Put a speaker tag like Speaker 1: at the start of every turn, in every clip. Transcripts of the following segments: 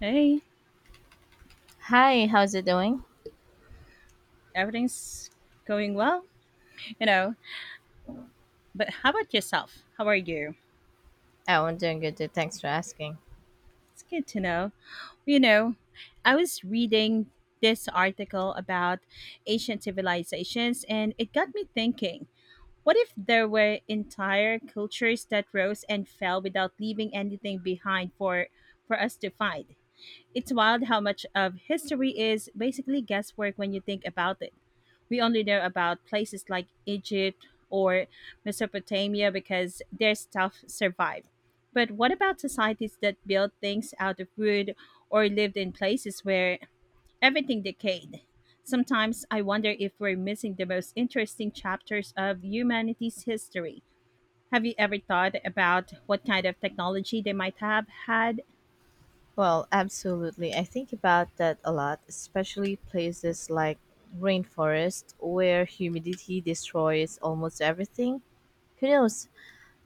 Speaker 1: Hey,
Speaker 2: Hi, how's it doing?
Speaker 1: everything's going well, you know. But how about yourself? How are you?
Speaker 2: Oh, I'm doing good too. Thanks for asking.
Speaker 1: It's good to know. You know, I was reading this article about ancient civilizations and it got me thinking what if there were entire cultures that rose and fell without leaving anything behind for us to find. It's wild how much of history is basically guesswork when you think about it. We only know about places like Egypt or Mesopotamia because their stuff survived. But what about societies that built things out of wood or lived in places where everything decayed? Sometimes I wonder if we're missing the most interesting chapters of humanity's history. Have you ever thought about what kind of technology they might have had?
Speaker 2: Well, absolutely. I think about that a lot, especially places like rainforest where humidity destroys almost everything. Who knows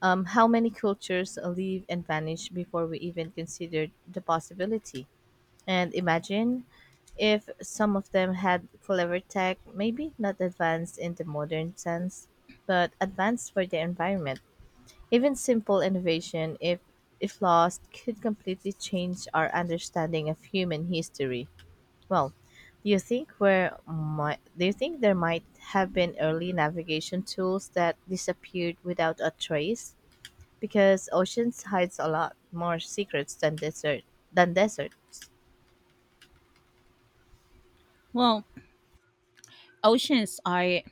Speaker 2: how many cultures leave and vanish before we even considered the possibility? And imagine if some of them had clever tech, maybe not advanced in the modern sense, but advanced for the environment. Even simple innovation, if lost, could completely change our understanding of human history. Well, do you think there might have been early navigation tools that disappeared without a trace? Because oceans hides a lot more secrets than desert than deserts.
Speaker 1: Well, oceans are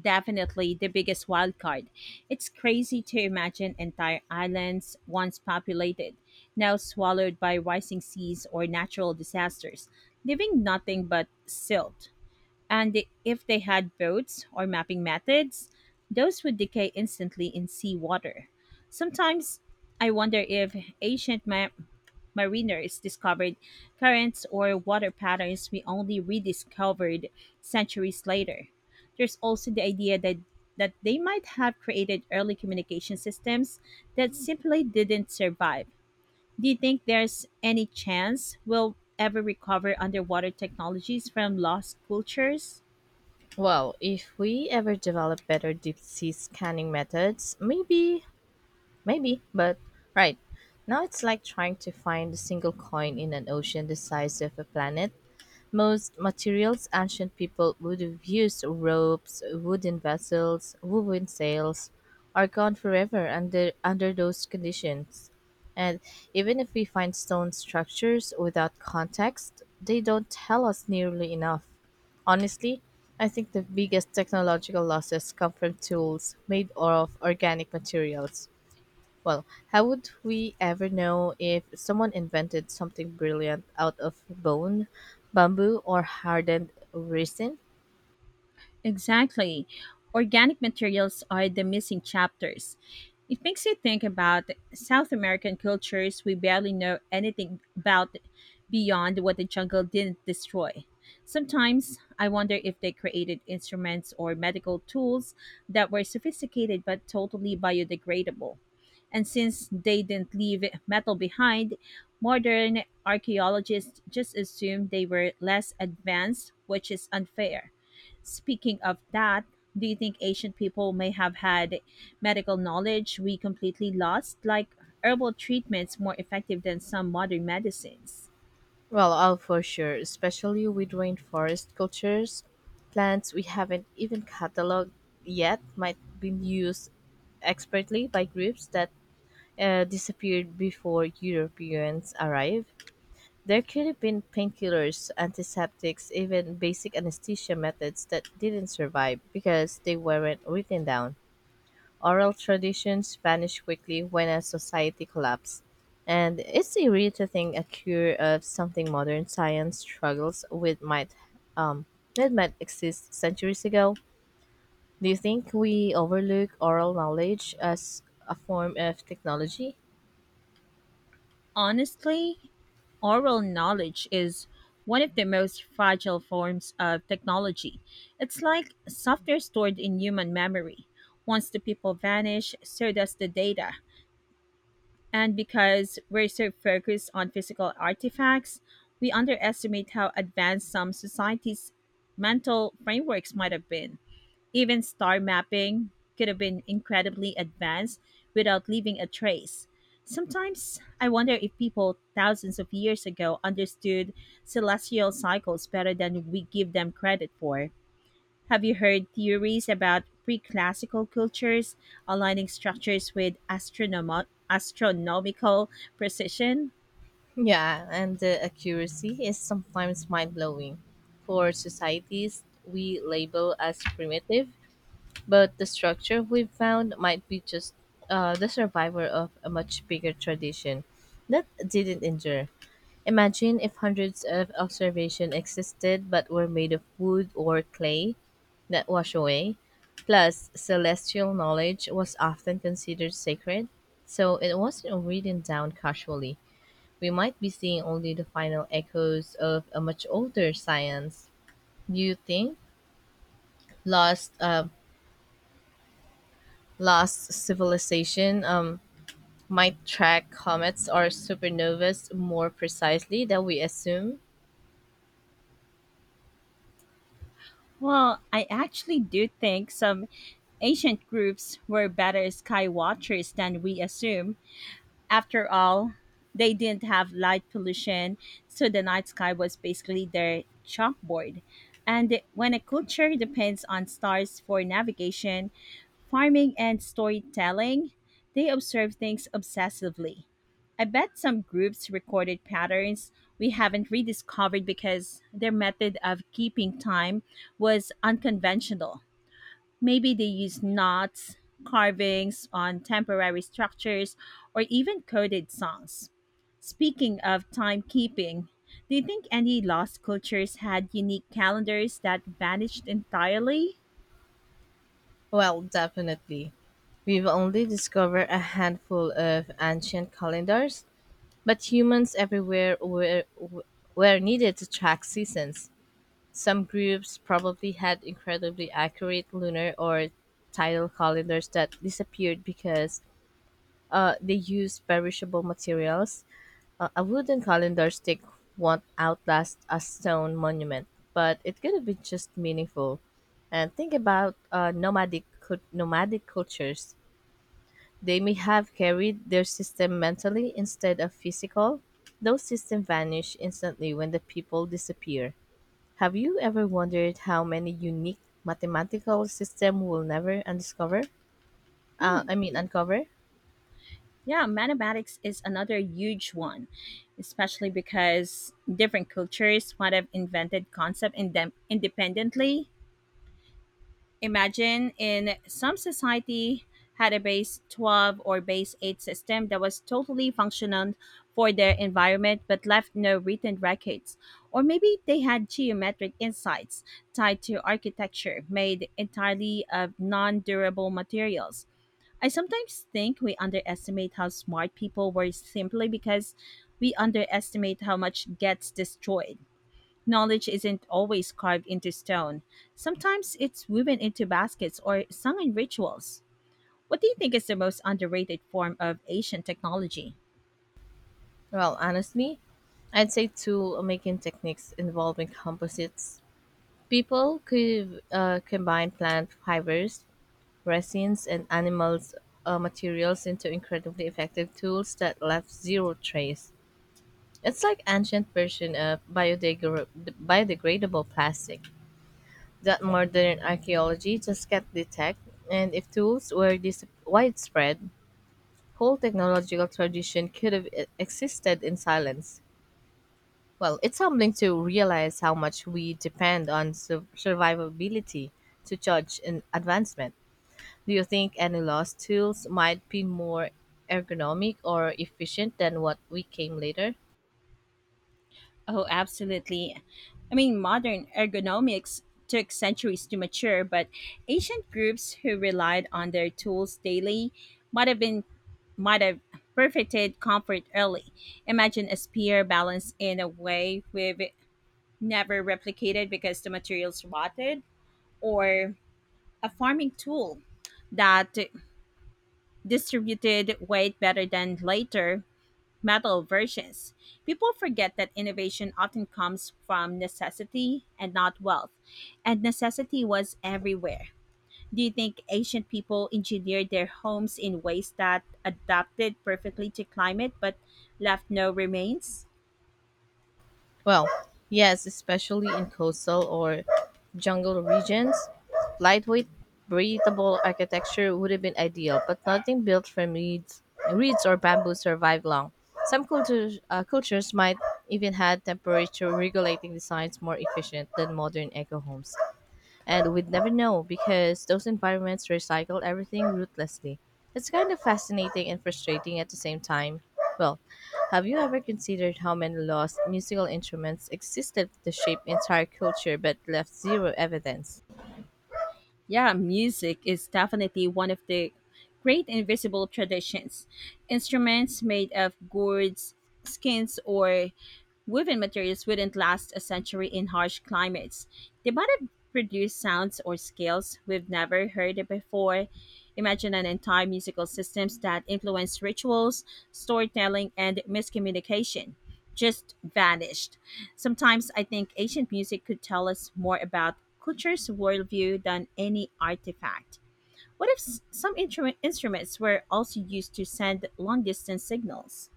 Speaker 1: definitely the biggest wildcard. It's crazy to imagine entire islands, once populated, now swallowed by rising seas or natural disasters, leaving nothing but silt. And if they had boats or mapping methods, those would decay instantly in seawater. Sometimes I wonder if ancient ma- mariners discovered currents or water patterns we only rediscovered centuries later. There's also the idea that they might have created early communication systems that simply didn't survive. Do you think there's any chance we'll ever recover underwater technologies from lost cultures?
Speaker 2: Well, if we ever develop better deep sea scanning methods, maybe. Maybe, but right. Now it's like trying to find a single coin in an ocean the size of a planet. Most materials ancient people would have used ropes, wooden vessels, woven sails are gone forever under those conditions. And even if we find stone structures without context, they don't tell us nearly enough. Honestly, I think the biggest technological losses come from tools made of organic materials. Well, how would we ever know if someone invented something brilliant out of bone, bamboo, or hardened resin?
Speaker 1: Exactly. Organic materials are the missing chapters. It makes you think about South American cultures we barely know anything about beyond what the jungle didn't destroy. Sometimes I wonder if they created instruments or medical tools that were sophisticated but totally biodegradable. And since they didn't leave metal behind, modern archaeologists just assume they were less advanced, which is unfair. Speaking of that, do you think ancient people may have had medical knowledge we completely lost, like herbal treatments more effective than some modern medicines?
Speaker 2: Well, all for sure, especially with rainforest cultures. Plants we haven't even cataloged yet might be used expertly by groups that disappeared before Europeans arrived. There could have been painkillers, antiseptics, even basic anesthesia methods that didn't survive because they weren't written down. Oral traditions vanished quickly when a society collapsed. And it's eerie to think a cure of something modern science struggles with um might exist centuries ago. Do you think we overlook oral knowledge as a form of technology?
Speaker 1: Honestly, oral knowledge is one of the most fragile forms of technology. It's like software stored in human memory. Once the people vanish, so does the data. And because we're so focused on physical artifacts, we underestimate how advanced some societies' mental frameworks might have been. Even star mapping could have been incredibly advanced without leaving a trace. Sometimes I wonder if people thousands of years ago understood celestial cycles better than we give them credit for. Have you heard theories about pre-classical cultures aligning structures with astronomical precision?
Speaker 2: Yeah, and the accuracy is sometimes mind blowing. For societies we label as primitive, but the structure we found might be just the survivor of a much bigger tradition that didn't endure. Imagine if hundreds of observations existed but were made of wood or clay that wash away. Plus, celestial knowledge was often considered sacred, so it wasn't written down casually. We might be seeing only the final echoes of a much older science. Do you think lost uh, lost civilization might track comets or supernovas more precisely than we assume?
Speaker 1: Well, I actually do think some ancient groups were better sky watchers than we assume. After all, they didn't have light pollution, so the night sky was basically their chalkboard. And when a culture depends on stars for navigation, farming, and storytelling, they observe things obsessively. I bet some groups recorded patterns we haven't rediscovered because their method of keeping time was unconventional. Maybe they used knots, carvings on temporary structures, or even coded songs. Speaking of timekeeping, do you think any lost cultures had unique calendars that vanished entirely?
Speaker 2: Well, definitely. We've only discovered a handful of ancient calendars, but humans were needed to track seasons. Some groups probably had incredibly accurate lunar or tidal calendars that disappeared because they used perishable materials. A wooden calendar stick won't outlast a stone monument, but it could have been just meaningful. And think about nomadic cultures. They may have carried their system mentally instead of physical. Those systems vanish instantly when the people disappear. Have you ever wondered how many unique mathematical systems we'll never undiscover?
Speaker 1: Hmm.
Speaker 2: I mean, uncover?
Speaker 1: Yeah, mathematics is another huge one, especially because different cultures might have invented concept in them independently. Imagine in some society had a base 12 or base 8 system that was totally functional for their environment but left no written records. Or maybe they had geometric insights tied to architecture made entirely of non durable materials. I sometimes think we underestimate how smart people were simply because we underestimate how much gets destroyed. Knowledge isn't always carved into stone. Sometimes it's woven into baskets or sung in rituals. What do you think is the most underrated form of ancient technology?
Speaker 2: Well, honestly, I'd say tool making techniques involving composites. People could combine plant fibers, resins, and animals' materials into incredibly effective tools that left zero trace. It's like ancient version of biodegradable plastic that modern archaeology just can't detect, and if tools were this widespread, whole technological tradition could have existed in silence. Well, it's humbling to realize how much we depend on survivability to judge an advancement. Do you think any lost tools might be more ergonomic or efficient than what we came later?
Speaker 1: Oh, absolutely. I mean, modern ergonomics took centuries to mature, but ancient groups who relied on their tools daily might have been might have perfected comfort early. Imagine a spear balanced in a way we've never replicated because the materials rotted, or a farming tool that distributed weight better than later metal versions. People forget that innovation often comes from necessity and not wealth, and necessity was everywhere. Do you think ancient people engineered their homes in ways that adapted perfectly to climate but left no remains?
Speaker 2: Well, yes, especially in coastal or jungle regions. Lightweight, breathable architecture would have been ideal, but nothing built from reeds or bamboo survived long. Some cultures might even had temperature regulating designs more efficient than modern eco homes, and we'd never know because those environments recycle everything ruthlessly. It's kind of fascinating and frustrating at the same time. Well, have you ever considered how many lost musical instruments existed to shape entire culture but left zero evidence?
Speaker 1: Yeah, music is definitely one of the great invisible traditions. Instruments made of gourds, skins, or woven materials wouldn't last a century in harsh climates. They might have produced sounds or scales we've never heard before. Imagine an entire musical systems that influence rituals, storytelling, and miscommunication just vanished. Sometimes I think ancient music could tell us more about culture's worldview than any artifact. What if some instruments were also used to send long distance signals?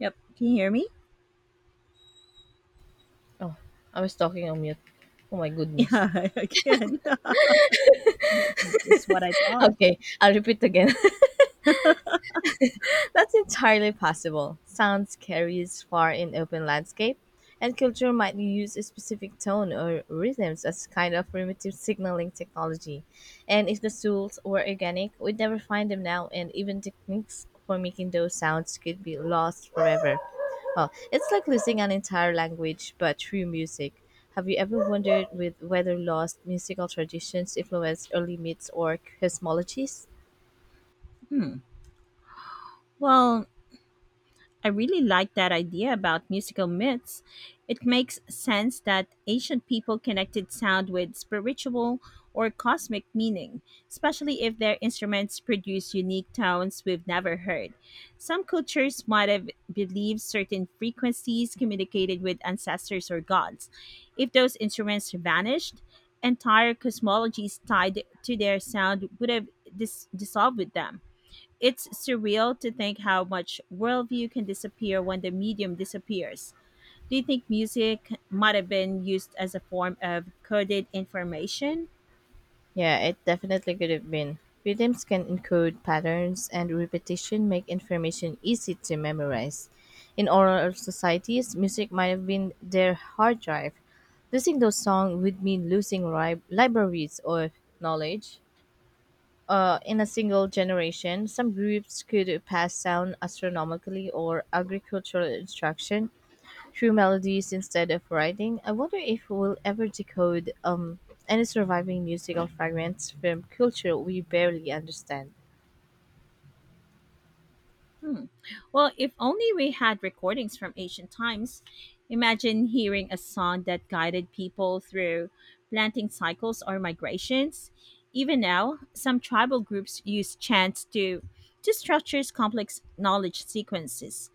Speaker 1: Yep. Can you hear me?
Speaker 2: Oh, I was talking on mute. Oh my goodness.
Speaker 1: Yeah, I can. Just what I thought.
Speaker 2: Okay, I'll repeat again. That's entirely possible. Sounds carries far in open landscape, and culture might use a specific tone or rhythms as kind of primitive signaling technology. And if the tools were organic, we'd never find them now, and even techniques for making those sounds could be lost forever. Well, it's like losing an entire language, but through music. Have you ever wondered with whether lost musical traditions influenced early myths or cosmologies?
Speaker 1: Hmm. Well, I really like that idea about musical myths. It makes sense that ancient people connected sound with spiritual or cosmic meaning, especially if their instruments produce unique tones we've never heard. Some cultures might have believed certain frequencies communicated with ancestors or gods. If those instruments vanished, entire cosmologies tied to their sound would have dissolved with them. It's surreal to think how much worldview can disappear when the medium disappears. Do you think music might have been used as a form of coded information?
Speaker 2: Yeah, it definitely could have been. Rhythms can encode patterns, and repetition make information easy to memorize. In oral societies, music might have been their hard drive. Losing those songs would mean losing libraries or knowledge in a single generation. Some groups could pass down astronomically or agricultural instruction through melodies instead of writing. I wonder if we'll ever decode any surviving musical fragments from culture we barely understand.
Speaker 1: Hmm. Well, if only we had recordings from ancient times. Imagine hearing a song that guided people through planting cycles or migrations. Even now, some tribal groups use chants to structure complex knowledge sequences.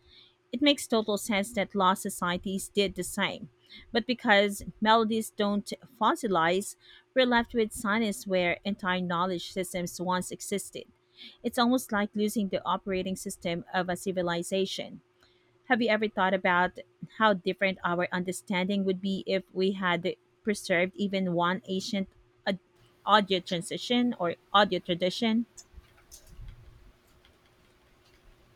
Speaker 1: It makes total sense that law societies did the same. But because melodies don't fossilize, we're left with science where entire knowledge systems once existed. It's almost like losing the operating system of a civilization. Have you ever thought about how different our understanding would be if we had preserved even one ancient uh, audio transition or audio tradition?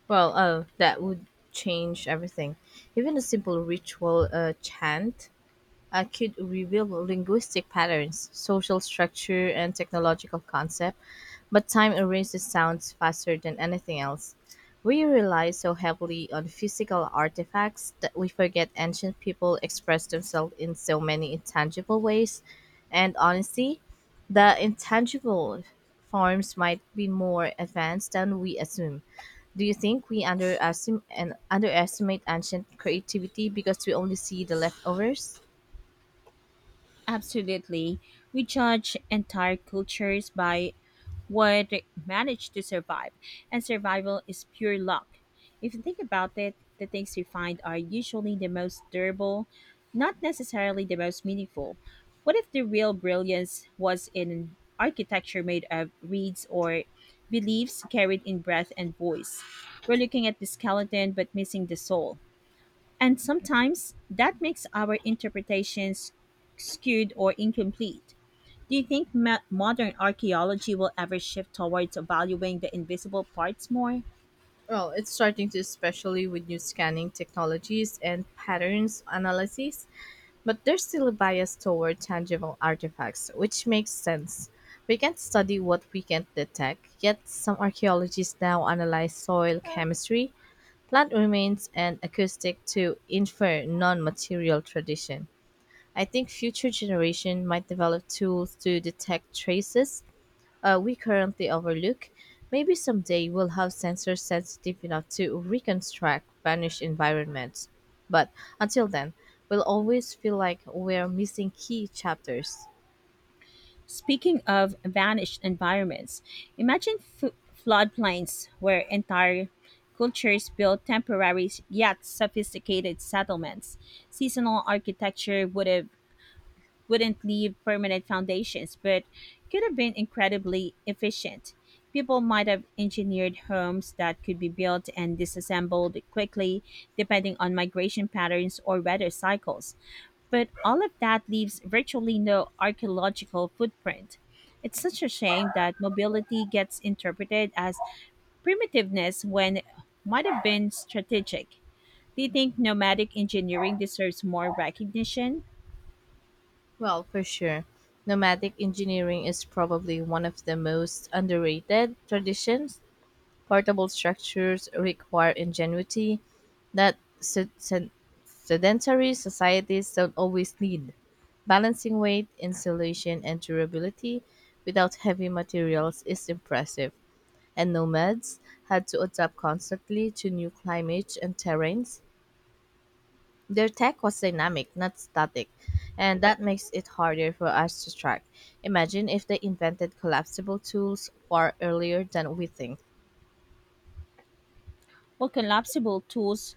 Speaker 2: Well, that would change everything. Even a simple ritual chant I could reveal linguistic patterns, social structure, and technological concept, but time erases sounds faster than anything else. We rely so heavily on physical artifacts that we forget ancient people expressed themselves in so many intangible ways, and honestly, the intangible forms might be more advanced than we assume. Do you think we underestim- and underestimate ancient creativity because we only see the leftovers?
Speaker 1: Absolutely. We judge entire cultures by what managed to survive, and survival is pure luck. If you think about it, the things we find are usually the most durable, not necessarily the most meaningful. What if the real brilliance was in architecture made of reeds or beliefs carried in breath and voice? We're looking at the skeleton but missing the soul. And sometimes that makes our interpretations skewed or incomplete. Do you think modern archaeology will ever shift towards valuing the invisible parts more?
Speaker 2: Well, it's starting to, especially with new scanning technologies and patterns analysis, but there's still a bias toward tangible artifacts, which makes sense. We can study what we can't detect, yet some archaeologists now analyze soil chemistry, plant remains, and acoustic to infer non-material tradition. I think future generation might develop tools to detect traces we currently overlook. Maybe someday we'll have sensors sensitive enough to reconstruct vanished environments. But until then, we'll always feel like we're missing key chapters.
Speaker 1: Speaking of vanished environments, imagine floodplains where entire cultures built temporary yet sophisticated settlements. Seasonal architecture would have wouldn't leave permanent foundations, but could have been incredibly efficient. People might have engineered homes that could be built and disassembled quickly, depending on migration patterns or weather cycles. But all of that leaves virtually no archaeological footprint. It's such a shame that mobility gets interpreted as primitiveness when it might have been strategic. Do you think nomadic engineering deserves more recognition?
Speaker 2: Well, for sure, nomadic engineering is probably one of the most underrated traditions. Portable structures require ingenuity that sedentary societies don't always need, balancing weight, insulation, and durability without heavy materials is impressive, and nomads had to adapt constantly to new climates and terrains. Their tech was dynamic, not static, and that makes it harder for us to track. Imagine if they invented collapsible tools far earlier than we think.
Speaker 1: Well, collapsible tools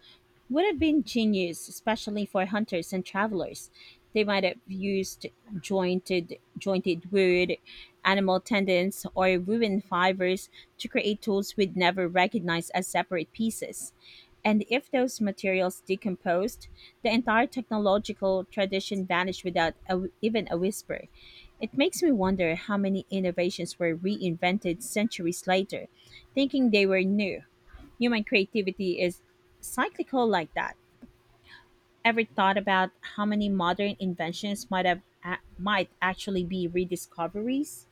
Speaker 1: would have been genius, especially for hunters and travelers. They might have used jointed wood, animal tendons, or woven fibers to create tools we'd never recognize as separate pieces. And if those materials decomposed, the entire technological tradition vanished without a, even a whisper. It makes me wonder how many innovations were reinvented centuries later, thinking they were new. Human creativity is cyclical like that. Ever thought about how many modern inventions might actually be rediscoveries?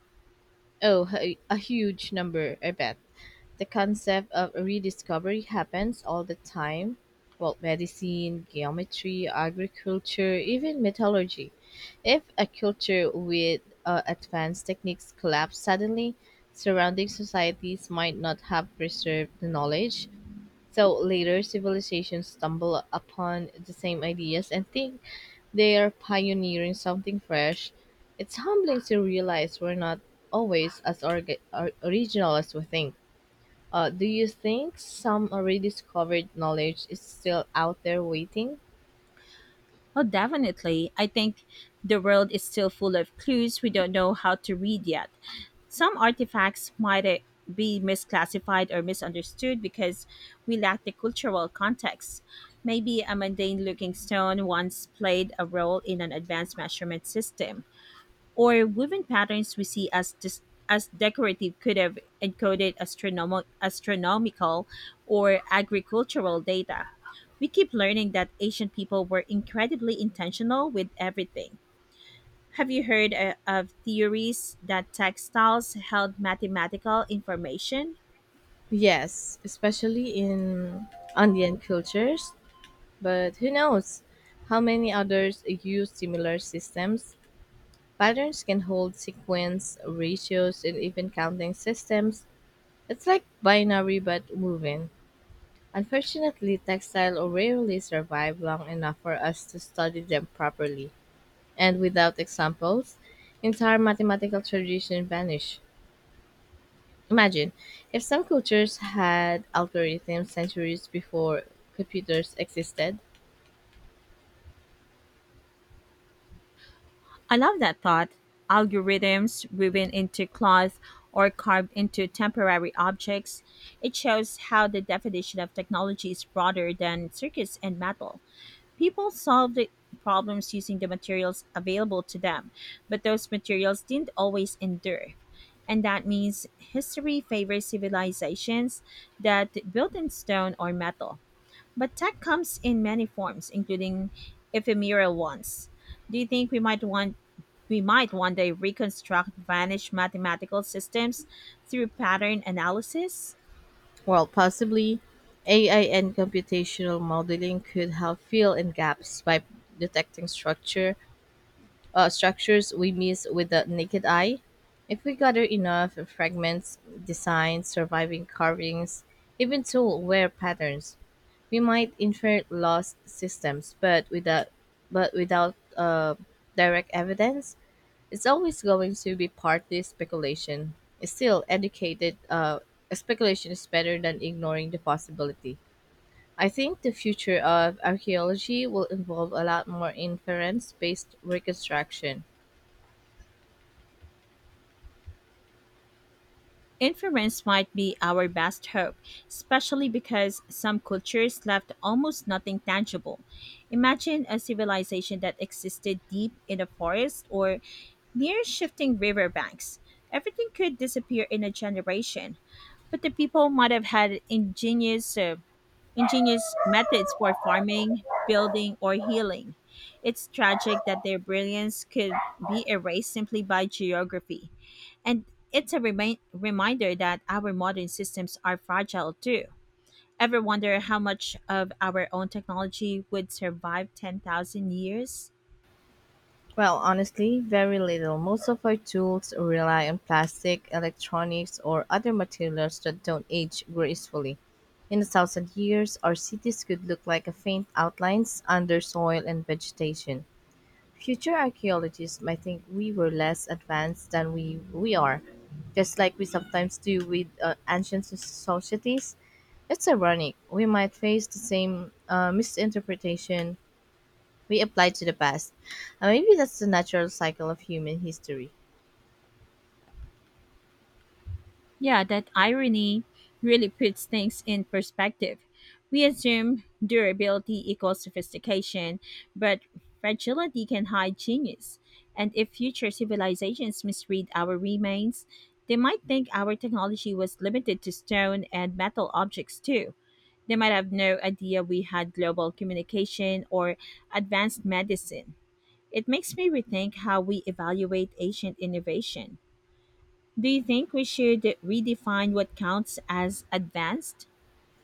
Speaker 2: Oh, a huge number, I bet. The concept of rediscovery happens all the time. Well, medicine, geometry, agriculture, even metallurgy. If a culture with advanced techniques collapse suddenly, surrounding societies might not have preserved the knowledge. So later civilizations stumble upon the same ideas and think they are pioneering something fresh. It's humbling to realize we're not always as original as we think. Do you think some already discovered knowledge is still out there waiting?
Speaker 1: Oh, definitely. I think the world is still full of clues we don't know how to read yet. Some artifacts might be misclassified or misunderstood because we lack the cultural context. Maybe a mundane looking stone once played a role in an advanced measurement system or woven patterns we see as as decorative could have encoded astronomical or agricultural data. We keep learning that ancient people were incredibly intentional with everything. Have you heard of theories that textiles held mathematical information?
Speaker 2: Yes, especially in Andean cultures. But who knows how many others use similar systems? Patterns can hold sequence, ratios, and even counting systems. It's like binary but moving. Unfortunately, textiles rarely survive long enough for us to study them properly, and without examples, entire mathematical traditions vanish. Imagine if some cultures had algorithms centuries before computers existed.
Speaker 1: I love that thought. Algorithms woven into cloth or carved into temporary objects. It shows how the definition of technology is broader than circuits and metal. People solved the problems using the materials available to them, but those materials didn't always endure. And that means history favors civilizations that built in stone or metal. But tech comes in many forms, including ephemeral ones. Do you think we might one day reconstruct vanished mathematical systems through pattern analysis?
Speaker 2: Well, possibly AI and computational modeling could help fill in gaps by detecting structures we miss with the naked eye. If we gather enough fragments, designs, surviving carvings, even tool wear patterns, we might infer lost systems, but without direct evidence, it's always going to be partly speculation. Still, educated speculation is better than ignoring the possibility. I think the future of archaeology will involve a lot more inference based reconstruction.
Speaker 1: Inference might be our best hope, especially because some cultures left almost nothing tangible. Imagine a civilization that existed deep in a forest or near shifting riverbanks. Everything could disappear in a generation, but the people might have had ingenious methods for farming, building, or healing. It's tragic that their brilliance could be erased simply by geography. And it's a reminder that our modern systems are fragile too. Ever wonder how much of our own technology would survive 10,000 years?
Speaker 2: Well, honestly, very little. Most of our tools rely on plastic, electronics, or other materials that don't age gracefully. In a thousand years, our cities could look like a faint outlines under soil and vegetation. Future archaeologists might think we were less advanced than we are, just like we sometimes do with ancient societies. It's ironic. We might face the same misinterpretation we apply to the past. And maybe that's the natural cycle of human history.
Speaker 1: Yeah, that irony really puts things in perspective. We assume durability equals sophistication, but fragility can hide genius. And if future civilizations misread our remains, they might think our technology was limited to stone and metal objects too. They might have no idea we had global communication or advanced medicine. It makes me rethink how we evaluate ancient innovation. Do you think we should redefine what counts as advanced?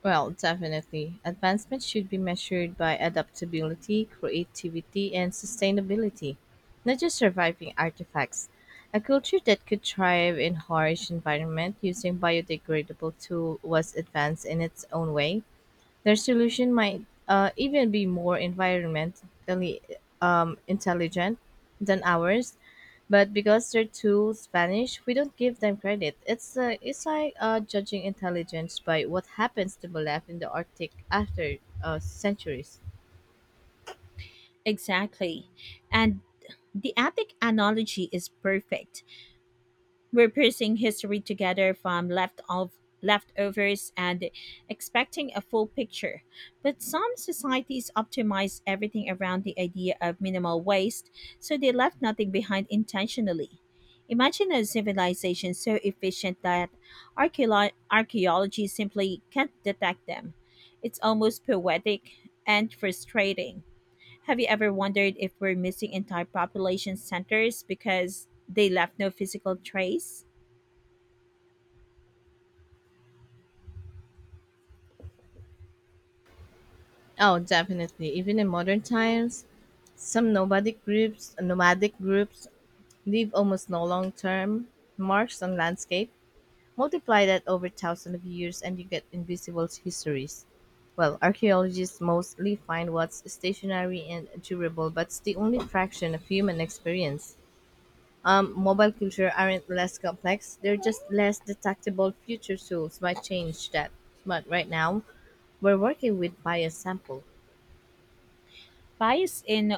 Speaker 2: Well, definitely. Advancement should be measured by adaptability, creativity, and sustainability, not just surviving artifacts. A culture that could thrive in harsh environment using biodegradable tool was advanced in its own way. Their solution might even be more environmentally intelligent than ours, but because their tools vanish, we don't give them credit. It's like judging intelligence by what happens to be left in the Arctic after centuries.
Speaker 1: Exactly. And the epic analogy is perfect. We're piecing history together from left of leftovers and expecting a full picture. But some societies optimize everything around the idea of minimal waste, so they left nothing behind intentionally. Imagine a civilization so efficient that archaeology simply can't detect them. It's almost poetic and frustrating. Have you ever wondered if we're missing entire population centers because they left no physical trace?
Speaker 2: Oh, definitely. Even in modern times, some nomadic groups leave almost no long-term marks on landscape. Multiply that over thousands of years and you get invisible histories. Well, archaeologists mostly find what's stationary and durable, but it's the only fraction of human experience. Mobile culture aren't less complex; they're just less detectable. Future tools might change that, but right now, we're working with bias sample.
Speaker 1: Bias in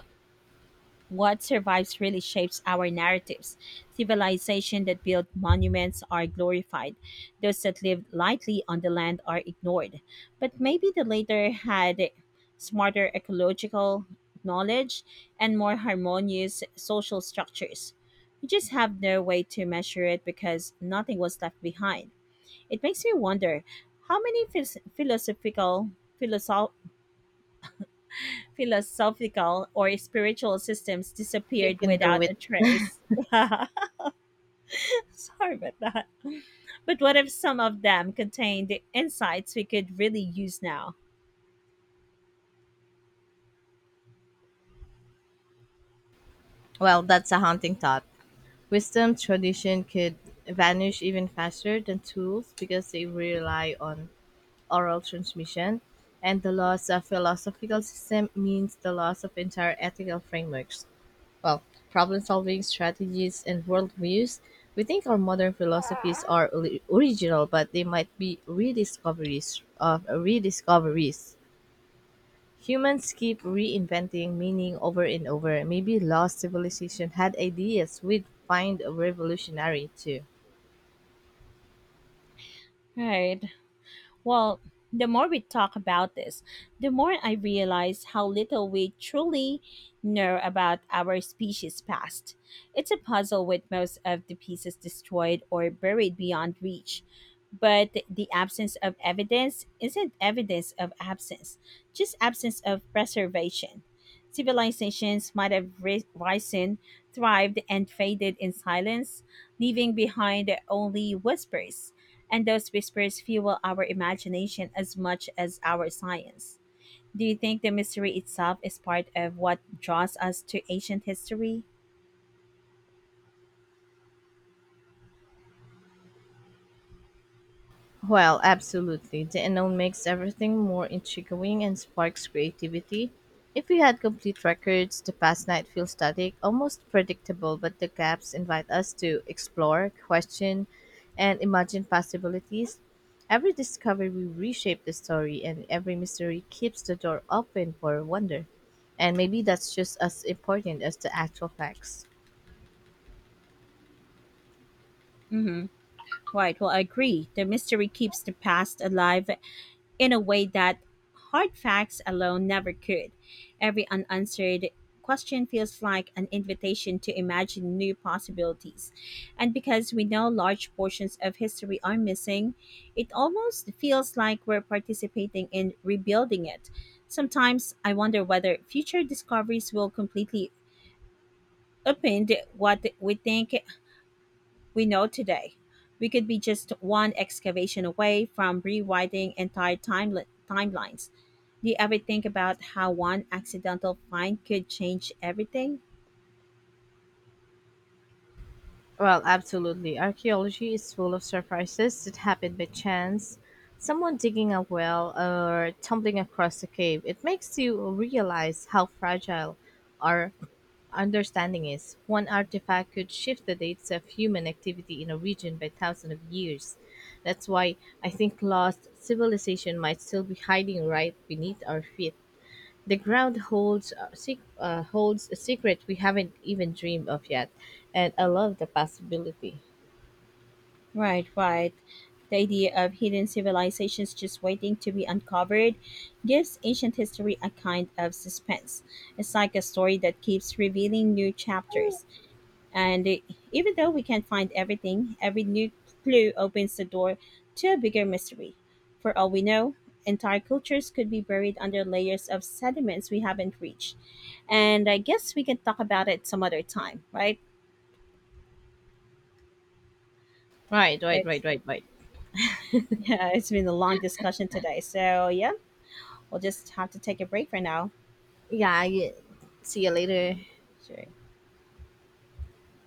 Speaker 1: what survives really shapes our narratives. Civilization that built monuments are glorified, those that lived lightly on the land are ignored. But maybe the latter had smarter ecological knowledge and more harmonious social structures. We just have no way to measure it because nothing was left behind. It makes me wonder how many philosophical philosoph- philosophical or spiritual systems
Speaker 2: You
Speaker 1: disappeared
Speaker 2: can do
Speaker 1: without
Speaker 2: it.
Speaker 1: a trace. Sorry about that. But what if some of them contained the insights we could really use now?
Speaker 2: Well, that's a haunting thought. Wisdom tradition could vanish even faster than tools because they rely on oral transmission, and the loss of philosophical system means the loss of entire ethical frameworks. Well, problem solving strategies and worldviews. We think our modern philosophies are original, but they might be rediscoveries of rediscoveries. Humans keep reinventing meaning over and over. Maybe lost civilization had ideas we'd find revolutionary too.
Speaker 1: Right. Well, the more we talk about this, the more I realize how little we truly know about our species' past. It's a puzzle with most of the pieces destroyed or buried beyond reach. But the absence of evidence isn't evidence of absence, just absence of preservation. Civilizations might have risen, thrived, and faded in silence, leaving behind only whispers, and those whispers fuel our imagination as much as our science. Do you think the mystery itself is part of what draws us to ancient history?
Speaker 2: Well, absolutely. The unknown makes everything more intriguing and sparks creativity. If we had complete records, the past night feels static, almost predictable, but the gaps invite us to explore, question, and imagine possibilities. Every discovery will reshape the story, and every mystery keeps the door open for wonder. And maybe that's just as important as the actual facts.
Speaker 1: Mm-hmm. Right. Well, I agree. The mystery keeps the past alive in a way that hard facts alone never could. Every unanswered question feels like an invitation to imagine new possibilities. And because we know large portions of history are missing, it almost feels like we're participating in rebuilding it. Sometimes I wonder whether future discoveries will completely upend what we think we know today. We could be just one excavation away from rewriting entire timelines. Do you ever think about how one accidental find could change everything?
Speaker 2: Well, absolutely. Archaeology is full of surprises that happen by chance. Someone digging a well or tumbling across a cave. It makes you realize how fragile our understanding is. One artifact could shift the dates of human activity in a region by thousands of years. That's why I think lost civilization might still be hiding right beneath our feet. The ground holds a holds a secret we haven't even dreamed of yet, and I love the possibility.
Speaker 1: Right, right. The idea of hidden civilizations just waiting to be uncovered gives ancient history a kind of suspense. It's like a story that keeps revealing new chapters. And even though we can't find everything, every new clue opens the door to a bigger mystery. For all we know, entire cultures could be buried under layers of sediments we haven't reached. And I guess we can talk about it some other time, right?
Speaker 2: Right, right,
Speaker 1: It's
Speaker 2: right, right, right.
Speaker 1: yeah, it's been a long discussion today. So yeah, we'll just have to take a break for now.
Speaker 2: Yeah, see you later.
Speaker 1: Sure.